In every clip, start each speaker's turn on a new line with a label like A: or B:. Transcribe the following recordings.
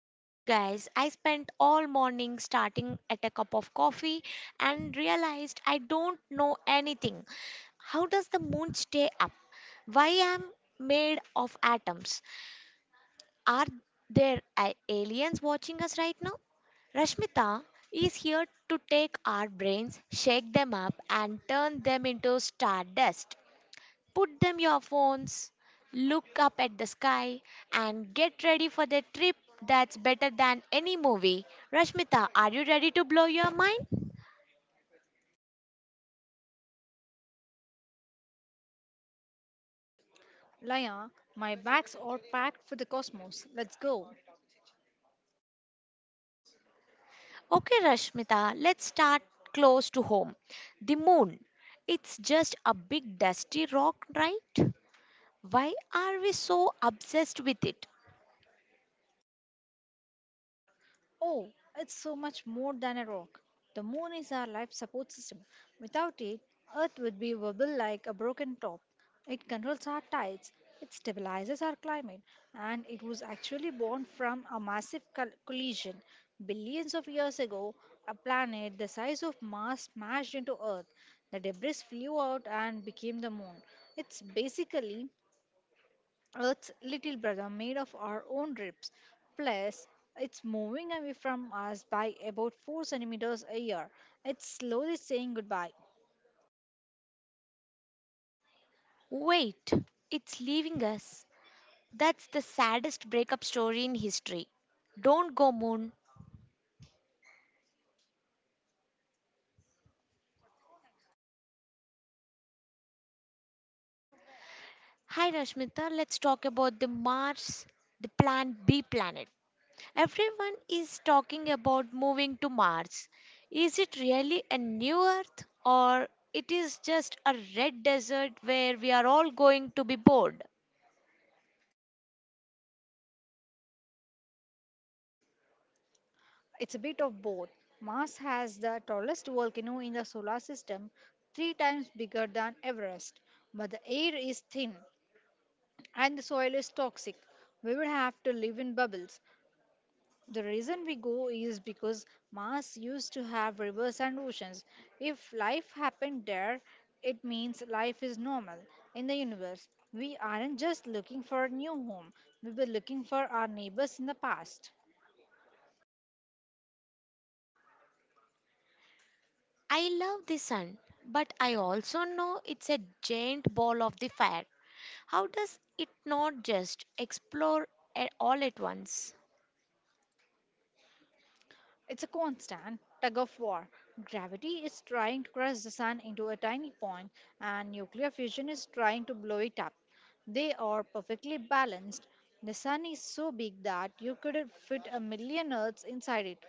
A: Honestly, guys, I spent all morning starting at a cup of coffee and realized I don't know anything. How does the moon stay up? Why am made of atoms? Are there aliens watching us right now? Rashmita is here to take our brains, shake them up, and turn them into stardust. Put them your phones, look up at the sky, and get ready for the trip that's better than any movie. Rashmita, are you ready to blow your mind?
B: Laya, my bags are packed for the cosmos. Let's go.
A: Okay, Rashmita, let's start close to home. The moon. It's just a big dusty rock, right? Why are we so obsessed with it?
B: Oh, it's so much more than a rock. The moon is our life support system. Without it, Earth would be wobble like a broken top. It controls our tides, it stabilizes our climate, and it was actually born from a massive collision. Billions of years ago, a planet the size of Mars smashed into Earth. The debris flew out and became the moon. It's basically Earth's little brother made of our own ribs. Plus, it's moving away from us by about 4 centimeters a year. It's slowly saying goodbye.
A: Wait, it's leaving us. That's the saddest breakup story in history. Don't go, Moon. Hi, Rashmita. Let's talk about the Mars, the Plan B planet. Everyone is talking about moving to Mars. Is it really a new Earth or it is just a red desert where we are all going to be bored?
B: It's a bit of both. Mars has the tallest volcano in the solar system, three times bigger than Everest. But the air is thin and the soil is toxic. We would have to live in bubbles. The reason we go is because Mars used to have rivers and oceans. If life happened there, it means life is normal in the universe. We aren't just looking for a new home, we were looking for our neighbors in the past.
A: I love the sun, but I also know it's a giant ball of the fire. How does it not just explore all at once?
B: It's a constant tug of war. Gravity is trying to crush the sun into a tiny point, and nuclear fusion is trying to blow it up. They are perfectly balanced. The sun is so big that you could fit a million Earths inside it.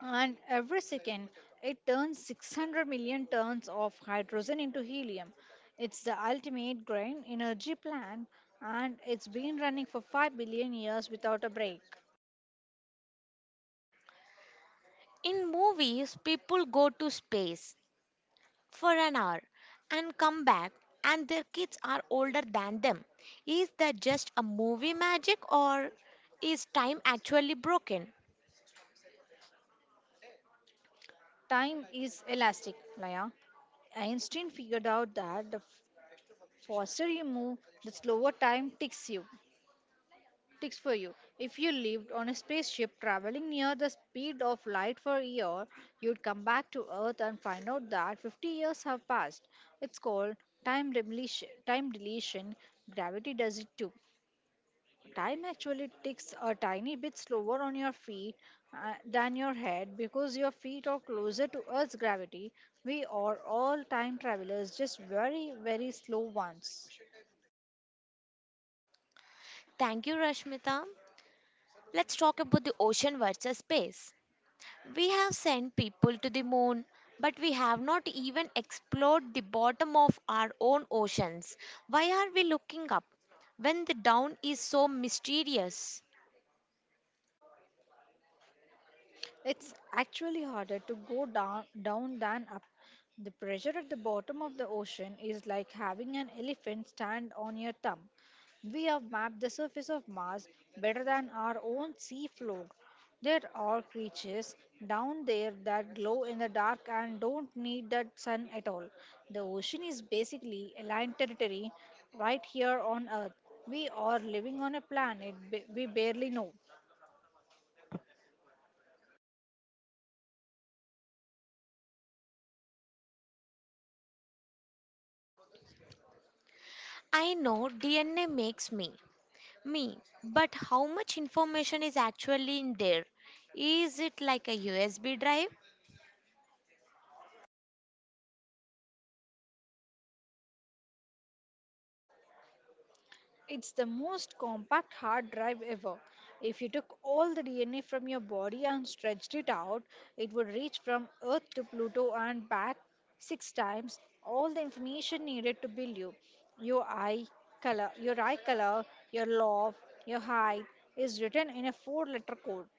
B: And every second, it turns 600 million tons of hydrogen into helium. It's the ultimate green energy plant, and it's been running for 5 billion years without a break.
A: In movies, people go to space for an hour and come back, and their kids are older than them. Is that just a movie magic or is time actually broken?
B: Time is elastic, Laya. Einstein figured out that the faster you move, the slower time ticks you. Tips for you. If you lived on a spaceship traveling near the speed of light for a year, you'd come back to Earth and find out that 50 years have passed. It's called time deletion. Time deletion. Gravity does it too. Time actually ticks a tiny bit slower on your feet than your head because your feet are closer to Earth's gravity. We are all time travelers, just very, very slow ones.
A: Thank you, Rashmita. Let's talk about the ocean versus space. We have sent people to the moon, but we have not even explored the bottom of our own oceans. Why are we looking up when the down is so mysterious?
B: It's actually harder to go down, down than up. The pressure at the bottom of the ocean is like having an elephant stand on your thumb. We have mapped the surface of Mars better than our own sea floor. There are creatures down there that glow in the dark and don't need that sun at all. The ocean is basically alien territory right here on Earth. We are living on a we barely know.
A: I know DNA makes me, but how much information is actually in there? Is it like a USB drive?
B: It's the most compact hard drive ever. If you took all the DNA from your body and stretched it out, it would reach from Earth to Pluto and back six times all the information needed to build you. Your eye color, your love, your height is written in a four letter code.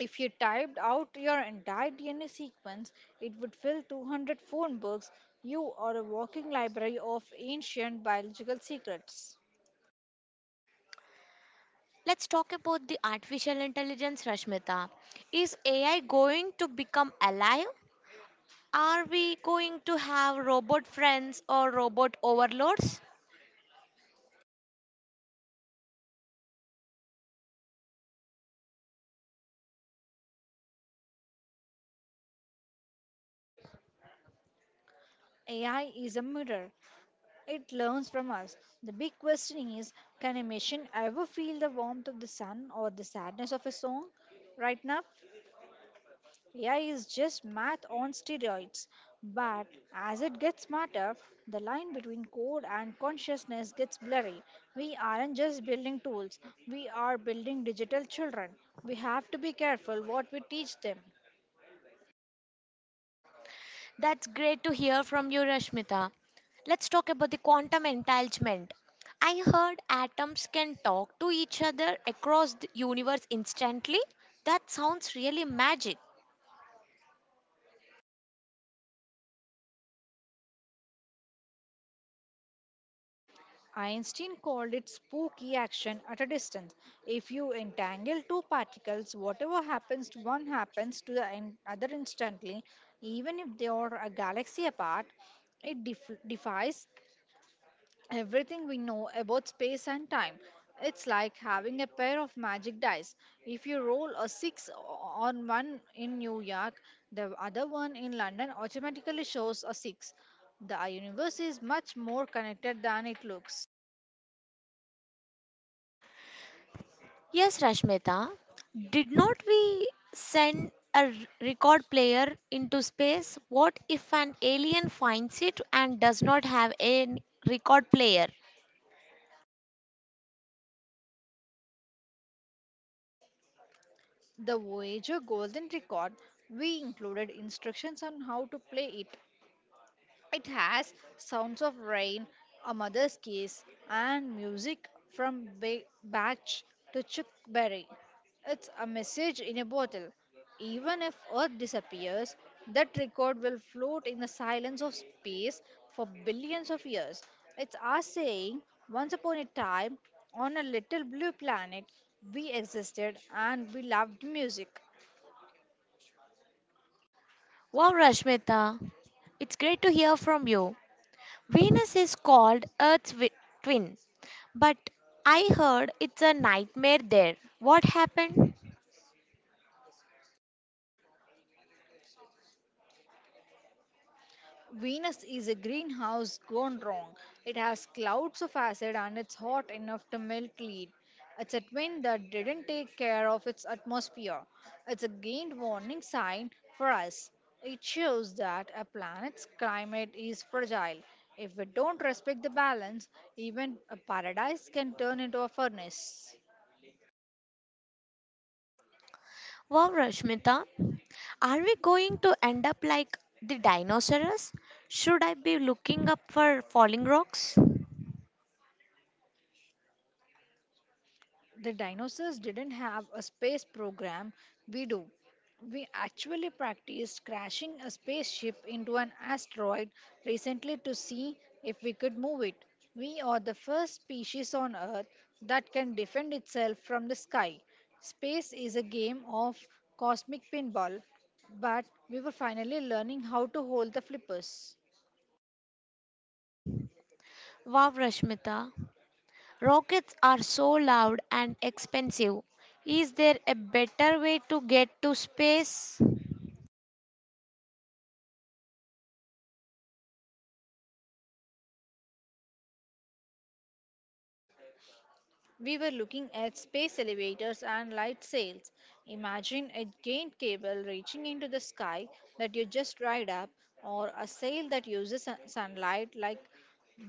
B: If you typed out your entire DNA sequence, it would fill 200 phone books. You are a walking library of ancient biological secrets.
A: Let's talk about the artificial intelligence, Rashmita. Is AI going to become alive? Are we going to have robot friends or robot overlords?
B: AI is a mirror. It learns from us. The big question is can a machine ever feel the warmth of the sun or the sadness of a song? Right now, AI is just math on steroids. But as it gets smarter, the line between code and consciousness gets blurry. We aren't just building tools, we are building digital children. We have to be careful what we teach them.
A: That's great to hear from you, Rashmita. Let's talk about the quantum entanglement. I heard atoms can talk to each other across the universe instantly. That sounds really magic.
B: Einstein called it spooky action at a distance. If you entangle two particles, whatever happens to one happens to the other instantly, even if they are a galaxy apart. It defies everything we know about space and time. It's like having a pair of magic dice. If you roll a on one in New York, the other one in London automatically shows a 6. The universe is much more connected than it looks.
A: Yes, Rashmita. Did not we send record player into space? What if an alien finds it and does not have record player?
B: The Voyager Golden Record, we included instructions on how to play it. It has sounds of rain, a mother's kiss, and music from Bach to Chuck Berry. It's a message in a bottle. Even if Earth disappears, that record will float in the silence of space for billions of years. It's us saying, once upon a time, on a little blue planet, we existed and we loved music.
A: Wow, Rashmita, it's great to hear from you. Venus is called twin, but I heard it's a nightmare there. What happened?
B: Venus is a greenhouse gone wrong. It has clouds of acid and it's hot enough to melt lead. It's a twin that didn't take care of its atmosphere. It's a gained warning sign for us. It shows that a planet's climate is fragile. If we don't respect the balance, even a paradise can turn into a furnace.
A: Wow, Rashmita, are we going to end up like the dinosaurs? Should I be looking up for falling rocks?
B: The dinosaurs didn't have a space program. We do. We actually practiced crashing a spaceship into an asteroid recently to see if we could move it. We are the first species on Earth that can defend itself from the sky. Space is a game of cosmic pinball, but we were finally learning how to hold the flippers.
A: Wow, Rashmita, rockets are so loud and expensive. Is there a better way to get to space?
B: We were looking at space elevators and light sails. Imagine a giant cable reaching into the sky that you just ride up, or a sail that uses sunlight like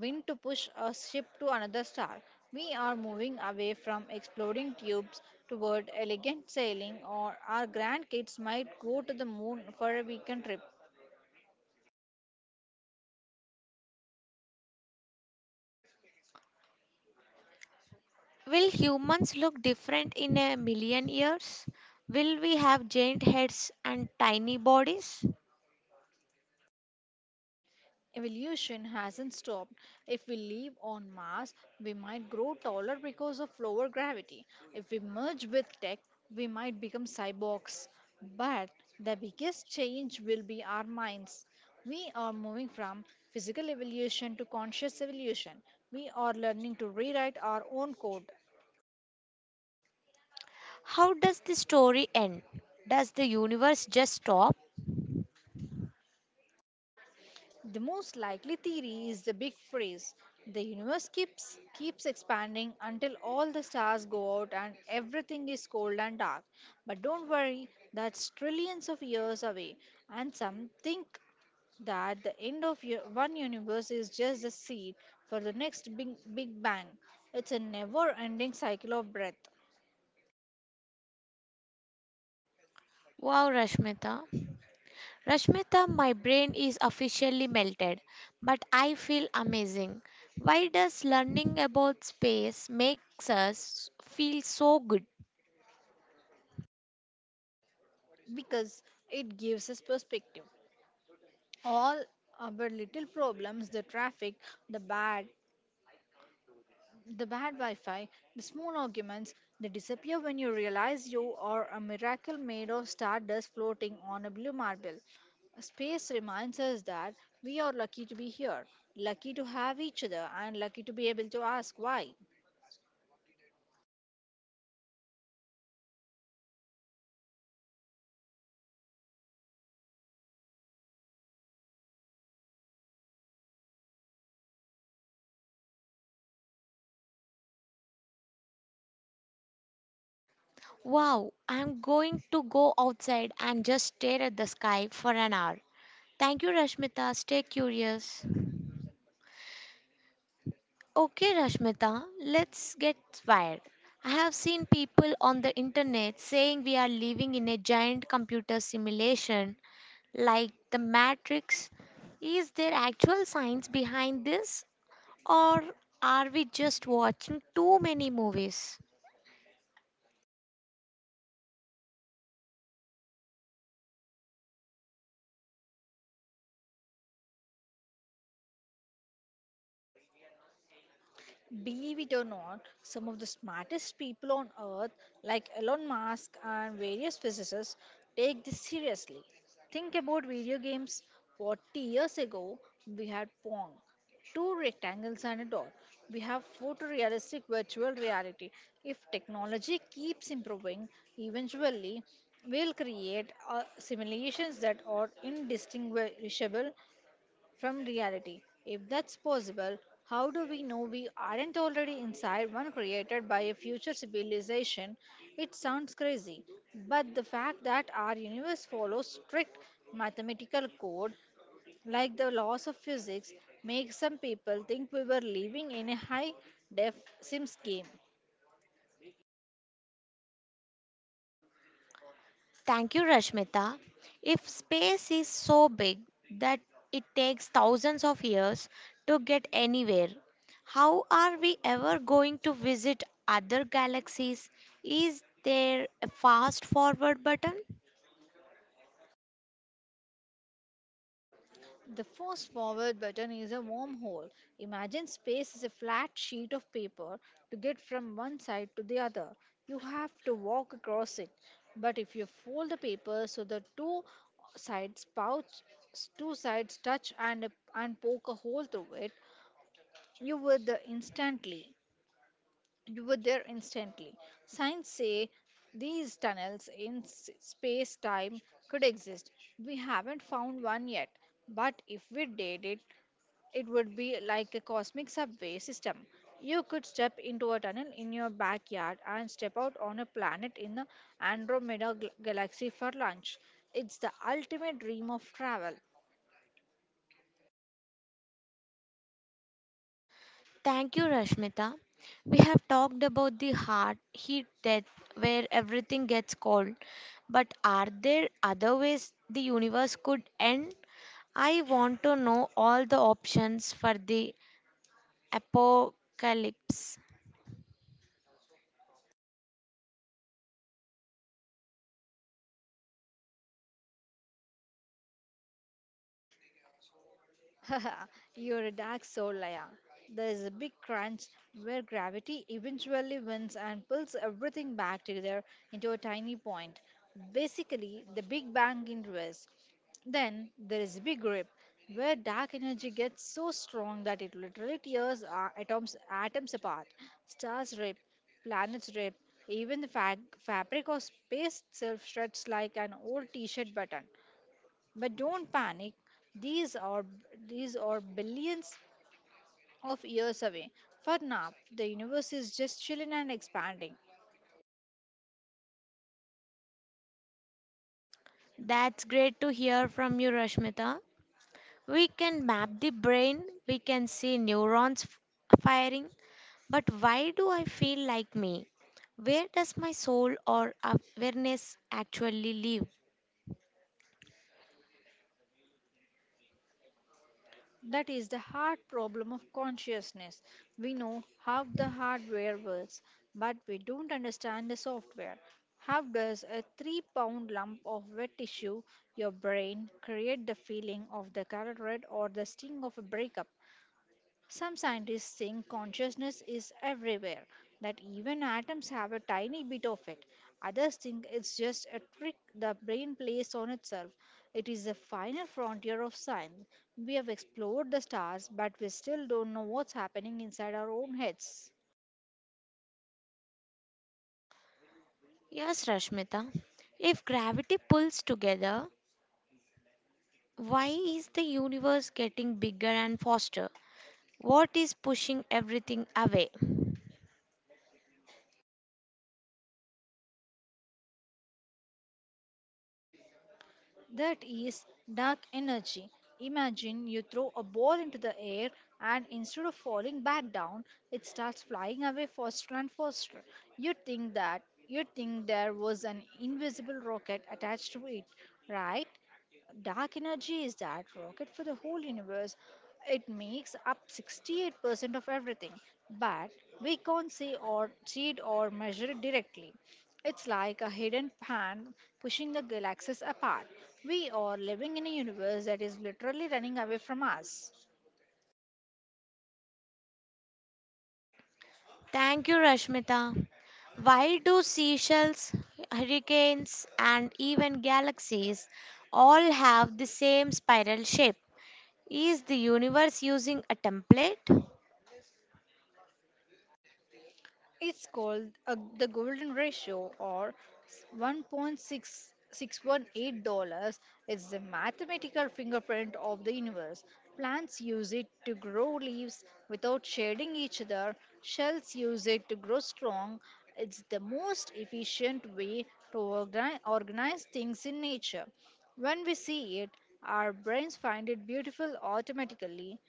B: wind to push a ship to another star. We are moving away from exploding tubes toward elegant sailing, or our grandkids might go to the moon for a weekend trip.
A: Will humans look different in a million years? Will we have giant heads and tiny bodies?
B: Evolution hasn't stopped. If we live on Mars, we might grow taller because of lower gravity. If we merge with tech, we might become cyborgs. But the biggest change will be our minds. We are moving from physical evolution to conscious evolution. We are learning to rewrite our own code.
A: How does the story end? Does the universe just stop?
B: The most likely theory is the big freeze. The universe keeps expanding until all the stars go out and everything is cold and dark. But don't worry, that's trillions of years away. And some think that the end of one universe is just the seed for the next big bang. It's a never-ending cycle of breath
A: Wow, Rashmita. Rashmita, my brain is officially melted, but I feel amazing. Why does learning about space makes us feel so good?
B: because it gives us perspective. All our little problems, the traffic, the bad the bad Wi Fi, the small arguments, they disappear when you realize you are a miracle made of stardust floating on a blue marble. Space reminds us that we are lucky to be here, lucky to have each other, and lucky to be able to ask why.
A: Wow, I'm going to go outside and just stare at the sky for an hour. Thank you, Rashmita. Stay curious. Okay, Rashmita, let's get wired. I have seen people on the internet saying we are living in a giant computer simulation like the Matrix. Is there actual science behind this, or are we just watching too many movies?
B: Believe it or not, some of the smartest people on earth, like Elon Musk and various physicists, take this seriously. Think about video games. 40 years ago, we had Pong, two rectangles and a dot. We have photorealistic virtual reality. If technology keeps improving, eventually we'll create simulations that are indistinguishable from reality. If that's possible, how do we know we aren't already inside one created by a future civilization? It sounds crazy, but the fact that our universe follows strict mathematical code like the laws of physics makes some people think we were living in a high def sims game.
A: Thank you, Rashmita. If space is so big that it takes thousands of years to get anywhere, how are we ever going to visit other galaxies? Is there a fast forward button?
B: The fast forward button is a wormhole. Imagine space is a flat sheet of paper. To get from one side to the other, you have to walk across it. But if you fold the paper so the sides pouch, two sides touch and poke a hole through it, you would the instantly you were there instantly. Science say these tunnels in space time could exist. We haven't found one yet, but if we did it, it would be like a cosmic subway system. You could step into a tunnel in your backyard and step out on a planet in the Andromeda galaxy for lunch. It's the ultimate dream of travel.
A: Thank you, Rashmita. We have talked about the heart heat death where everything gets cold, but are there other ways the universe could end? I want to know all the options for the apocalypse.
B: You're a dark soul, Laya. There is a big crunch where gravity eventually wins and pulls everything back together into a tiny point. Basically, the Big Bang in reverse. Then there is a big rip where dark energy gets so strong that it literally tears our atoms apart. Stars rip, planets rip, even the fabric of space itself shreds like an old t shirt button. But don't panic. These are these are billions of years away. For now, the universe is just chilling and expanding.
A: That's great to hear from you, Rashmita. We can map the brain, we can see neurons firing, but why do I feel like me? Where does my soul or awareness actually live?
B: That is the hard problem of consciousness. We know how the hardware works, but we don't understand the software. How does a 3 pound lump of wet tissue, your brain, create the feeling of the color red or the sting of a breakup? Some scientists think consciousness is everywhere, that even atoms have a tiny bit of it. Others think it's just a trick the brain plays on itself. It is the final frontier of science. We have explored the stars, but we still don't know what's happening inside our own heads.
A: Yes, Rashmita. If gravity pulls together, why is the universe getting bigger and faster? What is pushing everything away?
B: That is dark energy. Imagine you throw a ball into the air and instead of falling back down, it starts flying away faster and faster. You think that you think there was an invisible rocket attached to it, right? Dark energy is that rocket for the whole universe. It makes up 68% of everything, but we can't see it or measure it directly. It's like a hidden hand pushing the galaxies apart. We are living in a universe that is literally running away from us.
A: Thank you, Rashmita. Why do seashells, hurricanes, and even galaxies all have the same spiral shape? Is the universe using a template?
B: It's called the golden ratio or $1.6618. It's the mathematical fingerprint of the universe. Plants use it to grow leaves without shading each other. Shells use it to grow strong. It's the most efficient way to organize things in nature. When we see it, our brains find it beautiful automatically.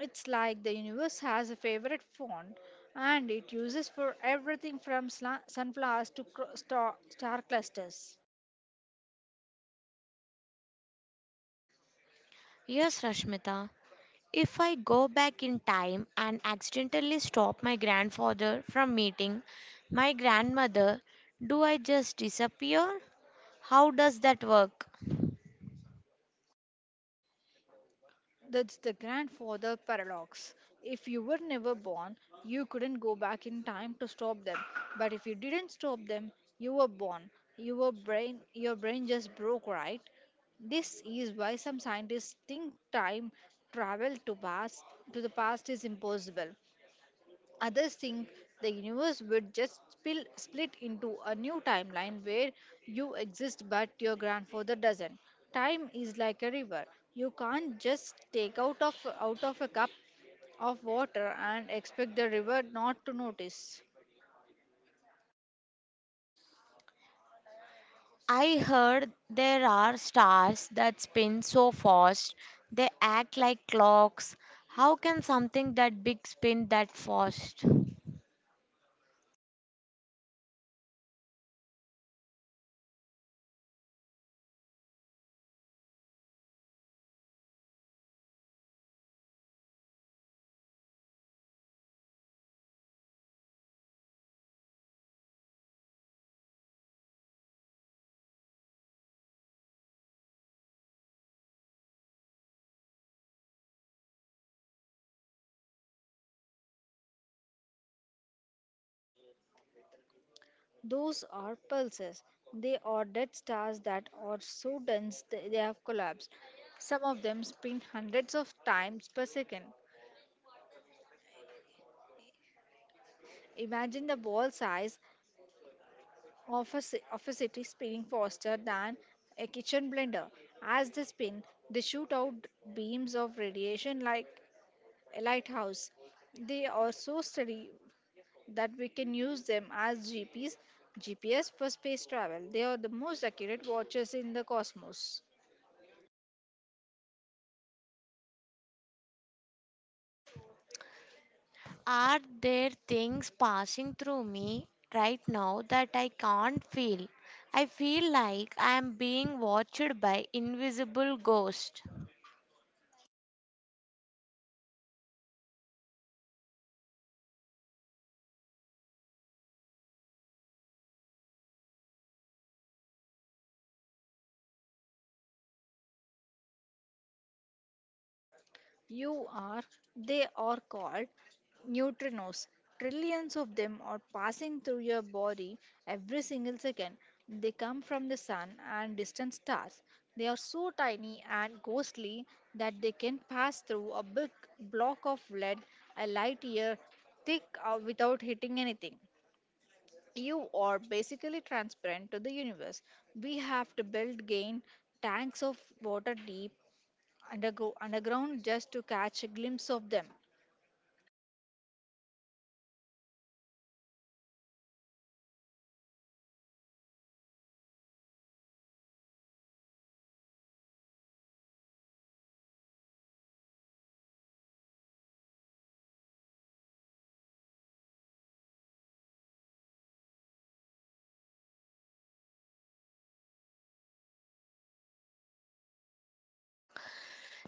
B: It's like the universe has a favorite font and it uses for everything from sunflowers to star clusters.
A: Yes, Rashmita. If I go back in time and accidentally stop my grandfather from meeting my grandmother, do I just disappear? How does that work?
B: That's the grandfather paradox. If you were never born, you couldn't go back in time to stop them. But if you didn't stop them, you were born. Your brain just broke, right? This is why some scientists think time travel to past to the past is impossible. Others think the universe would just split into a new timeline where you exist but your grandfather doesn't. Time is like a river. You can't just take out of a cup of water and expect the river not to notice.
A: I heard there are stars that spin so fast they act like clocks. How can something that big spin that fast?
B: Those are pulses. They are dead stars that are so dense they have collapsed. Some of them spin hundreds of times per second. Imagine the ball size of of a city spinning faster than a kitchen blender. As they spin, they shoot out beams of radiation like a lighthouse. They are so steady that we can use them as GPS for space travel. They are the most accurate watches in the cosmos.
A: Are there things passing through me right now that I can't feel? I feel like I am being watched by invisible ghosts.
B: You are, they are called neutrinos. Trillions of them are passing through your body every single second. They come from the sun and distant stars. They are so tiny and ghostly that they can pass through a big block of lead a light year thick without hitting anything. You are basically transparent to the universe. We have to build gain tanks of water deep undergo underground just to catch a glimpse of them.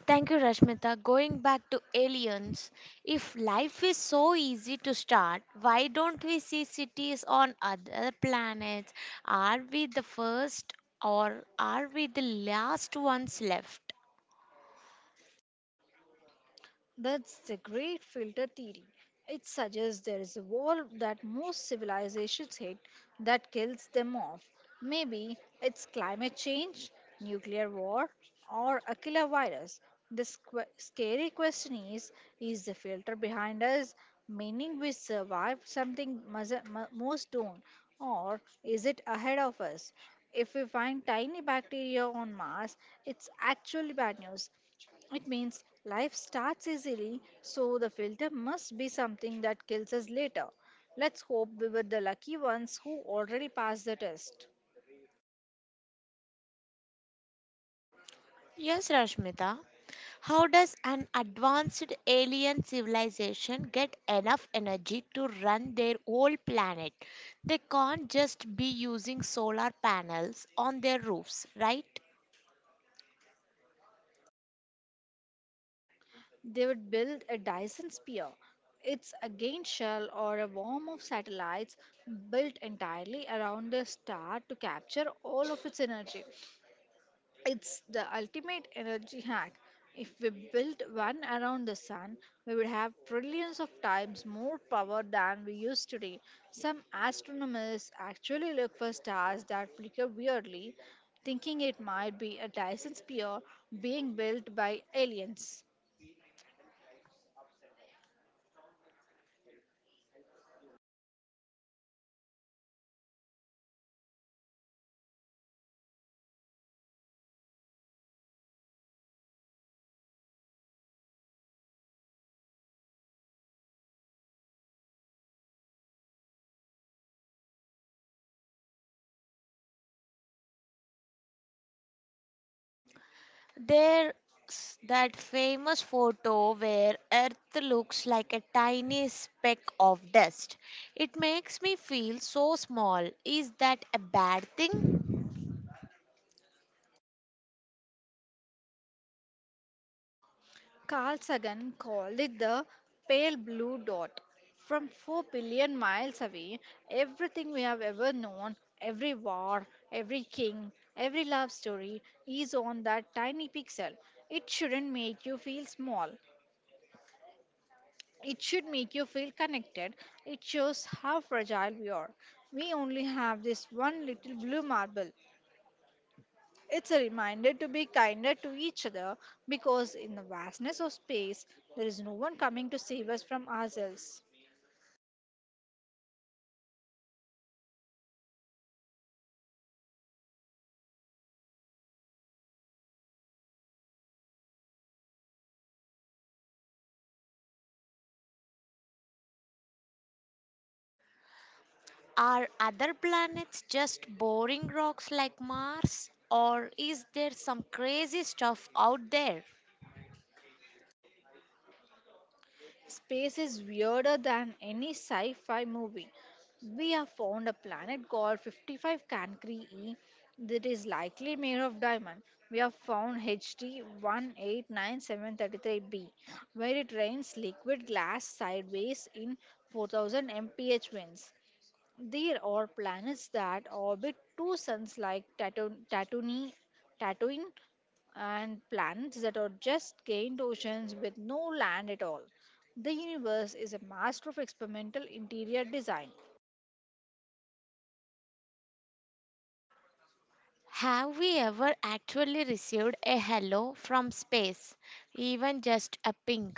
A: Thank you, Rashmita. Going back to aliens, if life is so easy to start, why don't we see cities on other planets? Are we the first or are we the last ones left?
B: That's the great filter theory. It suggests there is a wall that most civilizations hit that kills them off. Maybe it's climate change, nuclear war, or a killer virus. The scary question is the filter behind us, meaning we survive something most don't, or is it ahead of us? If we find tiny bacteria on Mars, it's actually bad news. It means life starts easily, so the filter must be something that kills us later. Let's hope we were the lucky ones who already passed the test.
A: Yes, Rashmita. How does an advanced alien civilization get enough energy to run their whole planet? They can't just be using solar panels on their roofs, right?
B: They would build a Dyson sphere. It's a gain shell or a worm of satellites built entirely around a star to capture all of its energy. It's the ultimate energy hack. If we built one around the sun, we would have trillions of times more power than we use today. Some astronomers actually look for stars that flicker weirdly, thinking it might be a Dyson sphere being built by aliens.
A: There's that famous photo where Earth looks like a tiny speck of dust. It makes me feel so small. Is that a bad thing?
B: Carl Sagan called it the pale blue dot. From 4 billion miles away, everything we have ever known, every war, every king, every love story, is on that tiny pixel. It shouldn't make you feel small. It should make you feel connected. It shows how fragile we are. We only have this one little blue marble. It's a reminder to be kinder to each other because in the vastness of space, there is no one coming to save us from ourselves.
A: Are other planets just boring rocks like Mars? Or is there some crazy stuff out there?
B: Space is weirder than any sci fi movie. We have found a planet called 55 Cancri E that is likely made of diamond. We have found HT 189733b where it rains liquid glass sideways in 4000 mph winds. There are planets that orbit two suns like Tatooine and planets that are just giant oceans with no land at all. The universe is a master of experimental interior design.
A: Have we ever actually received a hello from space? Even just a ping?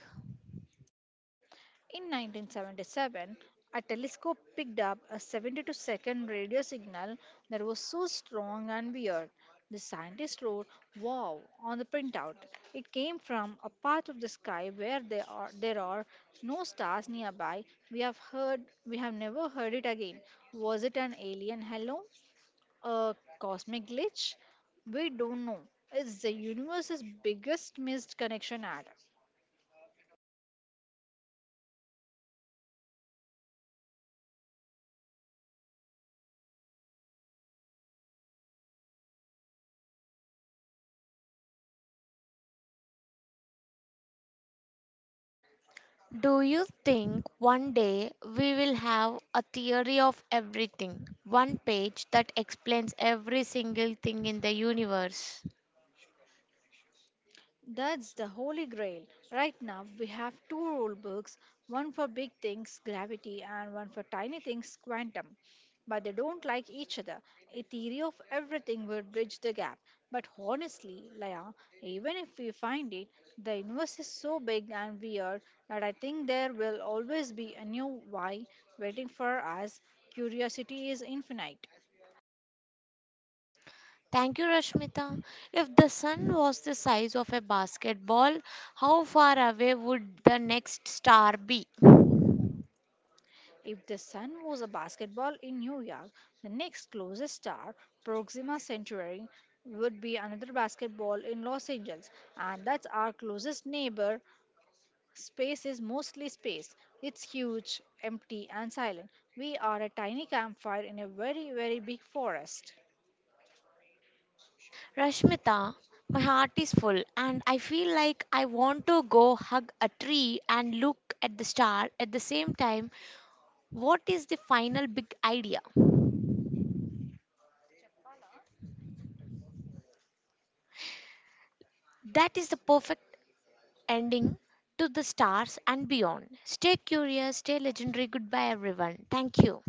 B: In 1977, a telescope picked up a 72-second radio signal that was so strong and weird. The scientist wrote wow on the printout. It came from a part of the sky where there are no stars nearby. We have never heard it again. Was it an alien hello? A cosmic glitch? We don't know. It's the universe's biggest missed connection ad.
A: Do you think one day we will have a theory of everything? One page that explains every single thing in the universe.
B: That's the holy grail. Right now, we have two rule books, one for big things, gravity, and one for tiny things, quantum. But they don't like each other. A theory of everything would bridge the gap. But honestly, Laya, even if we find it, the universe is so big and weird that I think there will always be a new why waiting for us. Curiosity is infinite.
A: Thank you, Rashmita. If the sun was the size of a basketball, how far away would the next star be?
B: If the sun was a basketball in New York, the next closest star, Proxima Centauri, would be another basketball in Los Angeles, and that's our closest neighbor. Space is mostly space. It's huge, empty, and silent. We are a tiny campfire in a very, very big forest.
A: Rashmita, my heart is full and I feel like I want to go hug a tree and look at the star at the same time. What is the final big idea? That is the perfect ending to the stars and beyond. Stay curious, stay legendary. Goodbye, everyone. Thank you.